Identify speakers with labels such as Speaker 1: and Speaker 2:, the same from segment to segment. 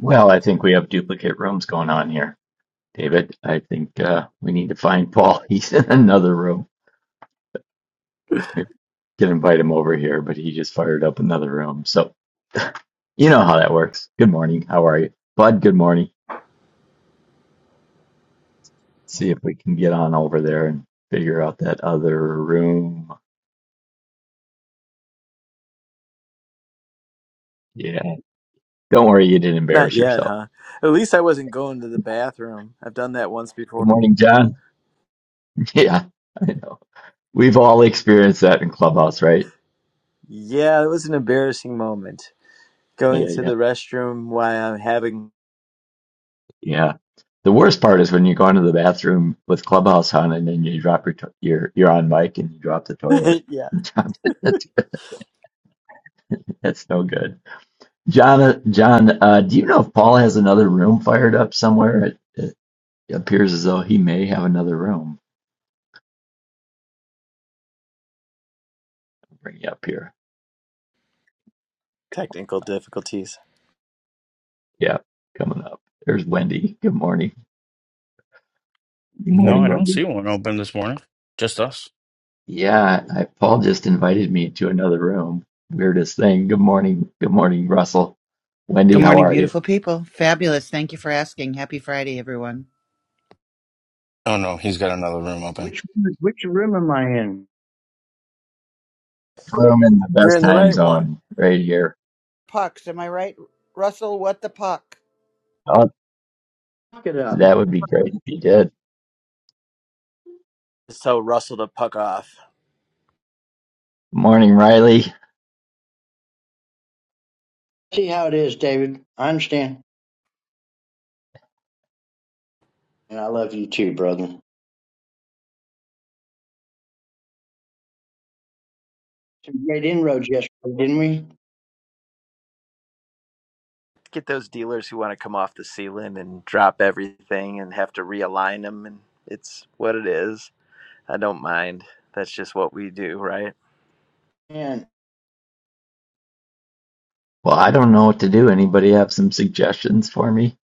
Speaker 1: Well, I think we have duplicate rooms going on here, David. I think uh, we need to find Paul. He's in another room. We can invite him over here, but he just fired up another room. So you know how that works. Good morning. How are you, Bud? Good morning. see if we can get on over there and figure out that other room. Yeah. Don't worry, you didn't
Speaker 2: Not
Speaker 1: embarrass
Speaker 2: yet,
Speaker 1: yourself.
Speaker 2: huh? At least I wasn't going to the bathroom. I've done that once
Speaker 1: Good
Speaker 2: before.
Speaker 1: morning, John. Yeah, I know. We've all experienced that in Clubhouse, right?
Speaker 2: Yeah, it was an embarrassing moment. Going
Speaker 1: Yeah,
Speaker 2: to
Speaker 1: yeah.
Speaker 2: the restroom while I'm having,
Speaker 1: Yeah. The worst part is when you go into the bathroom with Clubhouse on and then you drop your to- your you're on mic and you drop the toilet.
Speaker 2: yeah,
Speaker 1: Drop it. That's that's no good. John, uh, John, uh, do you know if Paul has another room fired up somewhere? It, it appears as though he may have another room. Bring it up here.
Speaker 2: technical difficulties.
Speaker 1: Yeah, coming up. There's Wendy. Good morning. Good
Speaker 3: No,
Speaker 1: morning,
Speaker 3: I don't
Speaker 1: Wendy.
Speaker 3: see one open this morning. Just us.
Speaker 1: Yeah, I, Paul just invited me to another room. Weirdest thing. Good morning. Good morning, Russell. Wendy,
Speaker 4: Good
Speaker 1: how
Speaker 4: morning,
Speaker 1: are you?
Speaker 4: beautiful people. Fabulous. Thank you for asking. Happy Friday, everyone.
Speaker 3: Oh no, he's got another room open.
Speaker 5: Which which room am I in?
Speaker 1: room in the
Speaker 2: You're
Speaker 1: best
Speaker 2: in the
Speaker 1: time
Speaker 2: right one.
Speaker 1: zone right here.
Speaker 4: Pucks, am I right? Russell, what the puck?
Speaker 1: Oh,
Speaker 5: Look it up.
Speaker 1: that would be great
Speaker 5: Mark it.
Speaker 1: if you did.
Speaker 2: So Russell to puck off.
Speaker 1: Morning, Riley.
Speaker 5: See how it is, David. I understand, and I love you too, brother. Some great inroads yesterday, didn't we?
Speaker 2: Get those dealers who want to come off the ceiling and drop everything and have to realign them. And it's what it is. I don't mind. That's just what we do, right?
Speaker 5: And
Speaker 1: Well, I don't know what to do. Anybody have some suggestions for me?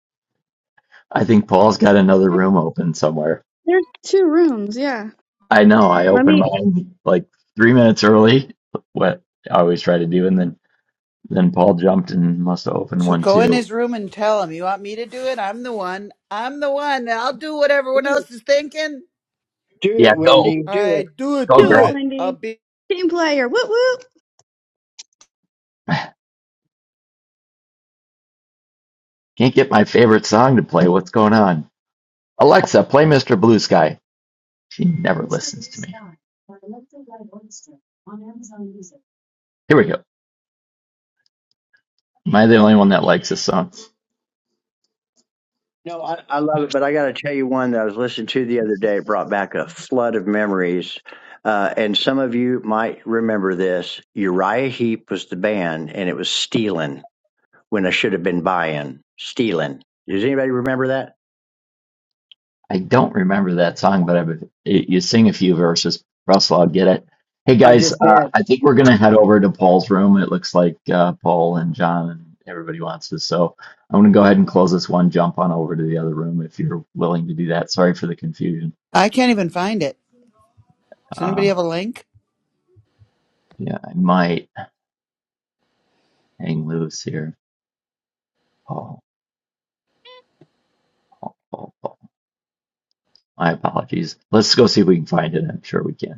Speaker 1: I think Paul's got another room open somewhere.
Speaker 6: There's two rooms, yeah.
Speaker 1: I know I
Speaker 6: Let
Speaker 1: opened
Speaker 6: me
Speaker 1: mine like three minutes early, what I always try to do, and then then Paul jumped and must have opened
Speaker 4: So
Speaker 1: one
Speaker 4: go in
Speaker 1: too.
Speaker 4: his room and tell him, you want me to do it? I'm the one. I'm the one. I'll do what
Speaker 5: do
Speaker 4: everyone
Speaker 5: it,
Speaker 4: else is thinking.
Speaker 5: Do
Speaker 1: Yeah,
Speaker 5: it, Wendy.
Speaker 4: All
Speaker 5: Do it.
Speaker 4: right, do it,
Speaker 1: go
Speaker 6: do
Speaker 4: do
Speaker 1: girl.
Speaker 6: it,
Speaker 4: it. I'll
Speaker 6: Wendy.
Speaker 4: be.
Speaker 6: Team player. Woo woo.
Speaker 1: Can't get my favorite song to play. What's going on? Alexa, play Mr. Blue Sky. She never listens to me. Here we go. Am I the only one that likes this song?
Speaker 5: No, I, I love it, but I got to tell you one that I was listening to the other day. It brought back a flood of memories. Uh, and some of you might remember this. Uriah Heep was the band, and it was stealing when I should have been buying. Stealing. Does anybody remember that?
Speaker 1: I don't remember that song, but I've, you sing a few verses. Russell, I'll get it. Hey
Speaker 5: I
Speaker 1: guys,
Speaker 5: just
Speaker 1: uh,
Speaker 5: did.
Speaker 1: I think we're gonna head over to Paul's room. It looks like uh, Paul and John and everybody wants this, so I'm gonna go ahead and close this one. Jump on over to the other room if you're willing to do that. Sorry for the confusion.
Speaker 4: I can't even find it. Does
Speaker 1: Uh,
Speaker 4: anybody have a link?
Speaker 1: yeah, I might hang loose here. Paul, Paul, Paul. My apologies. Let's go see if we can find it. I'm sure we can.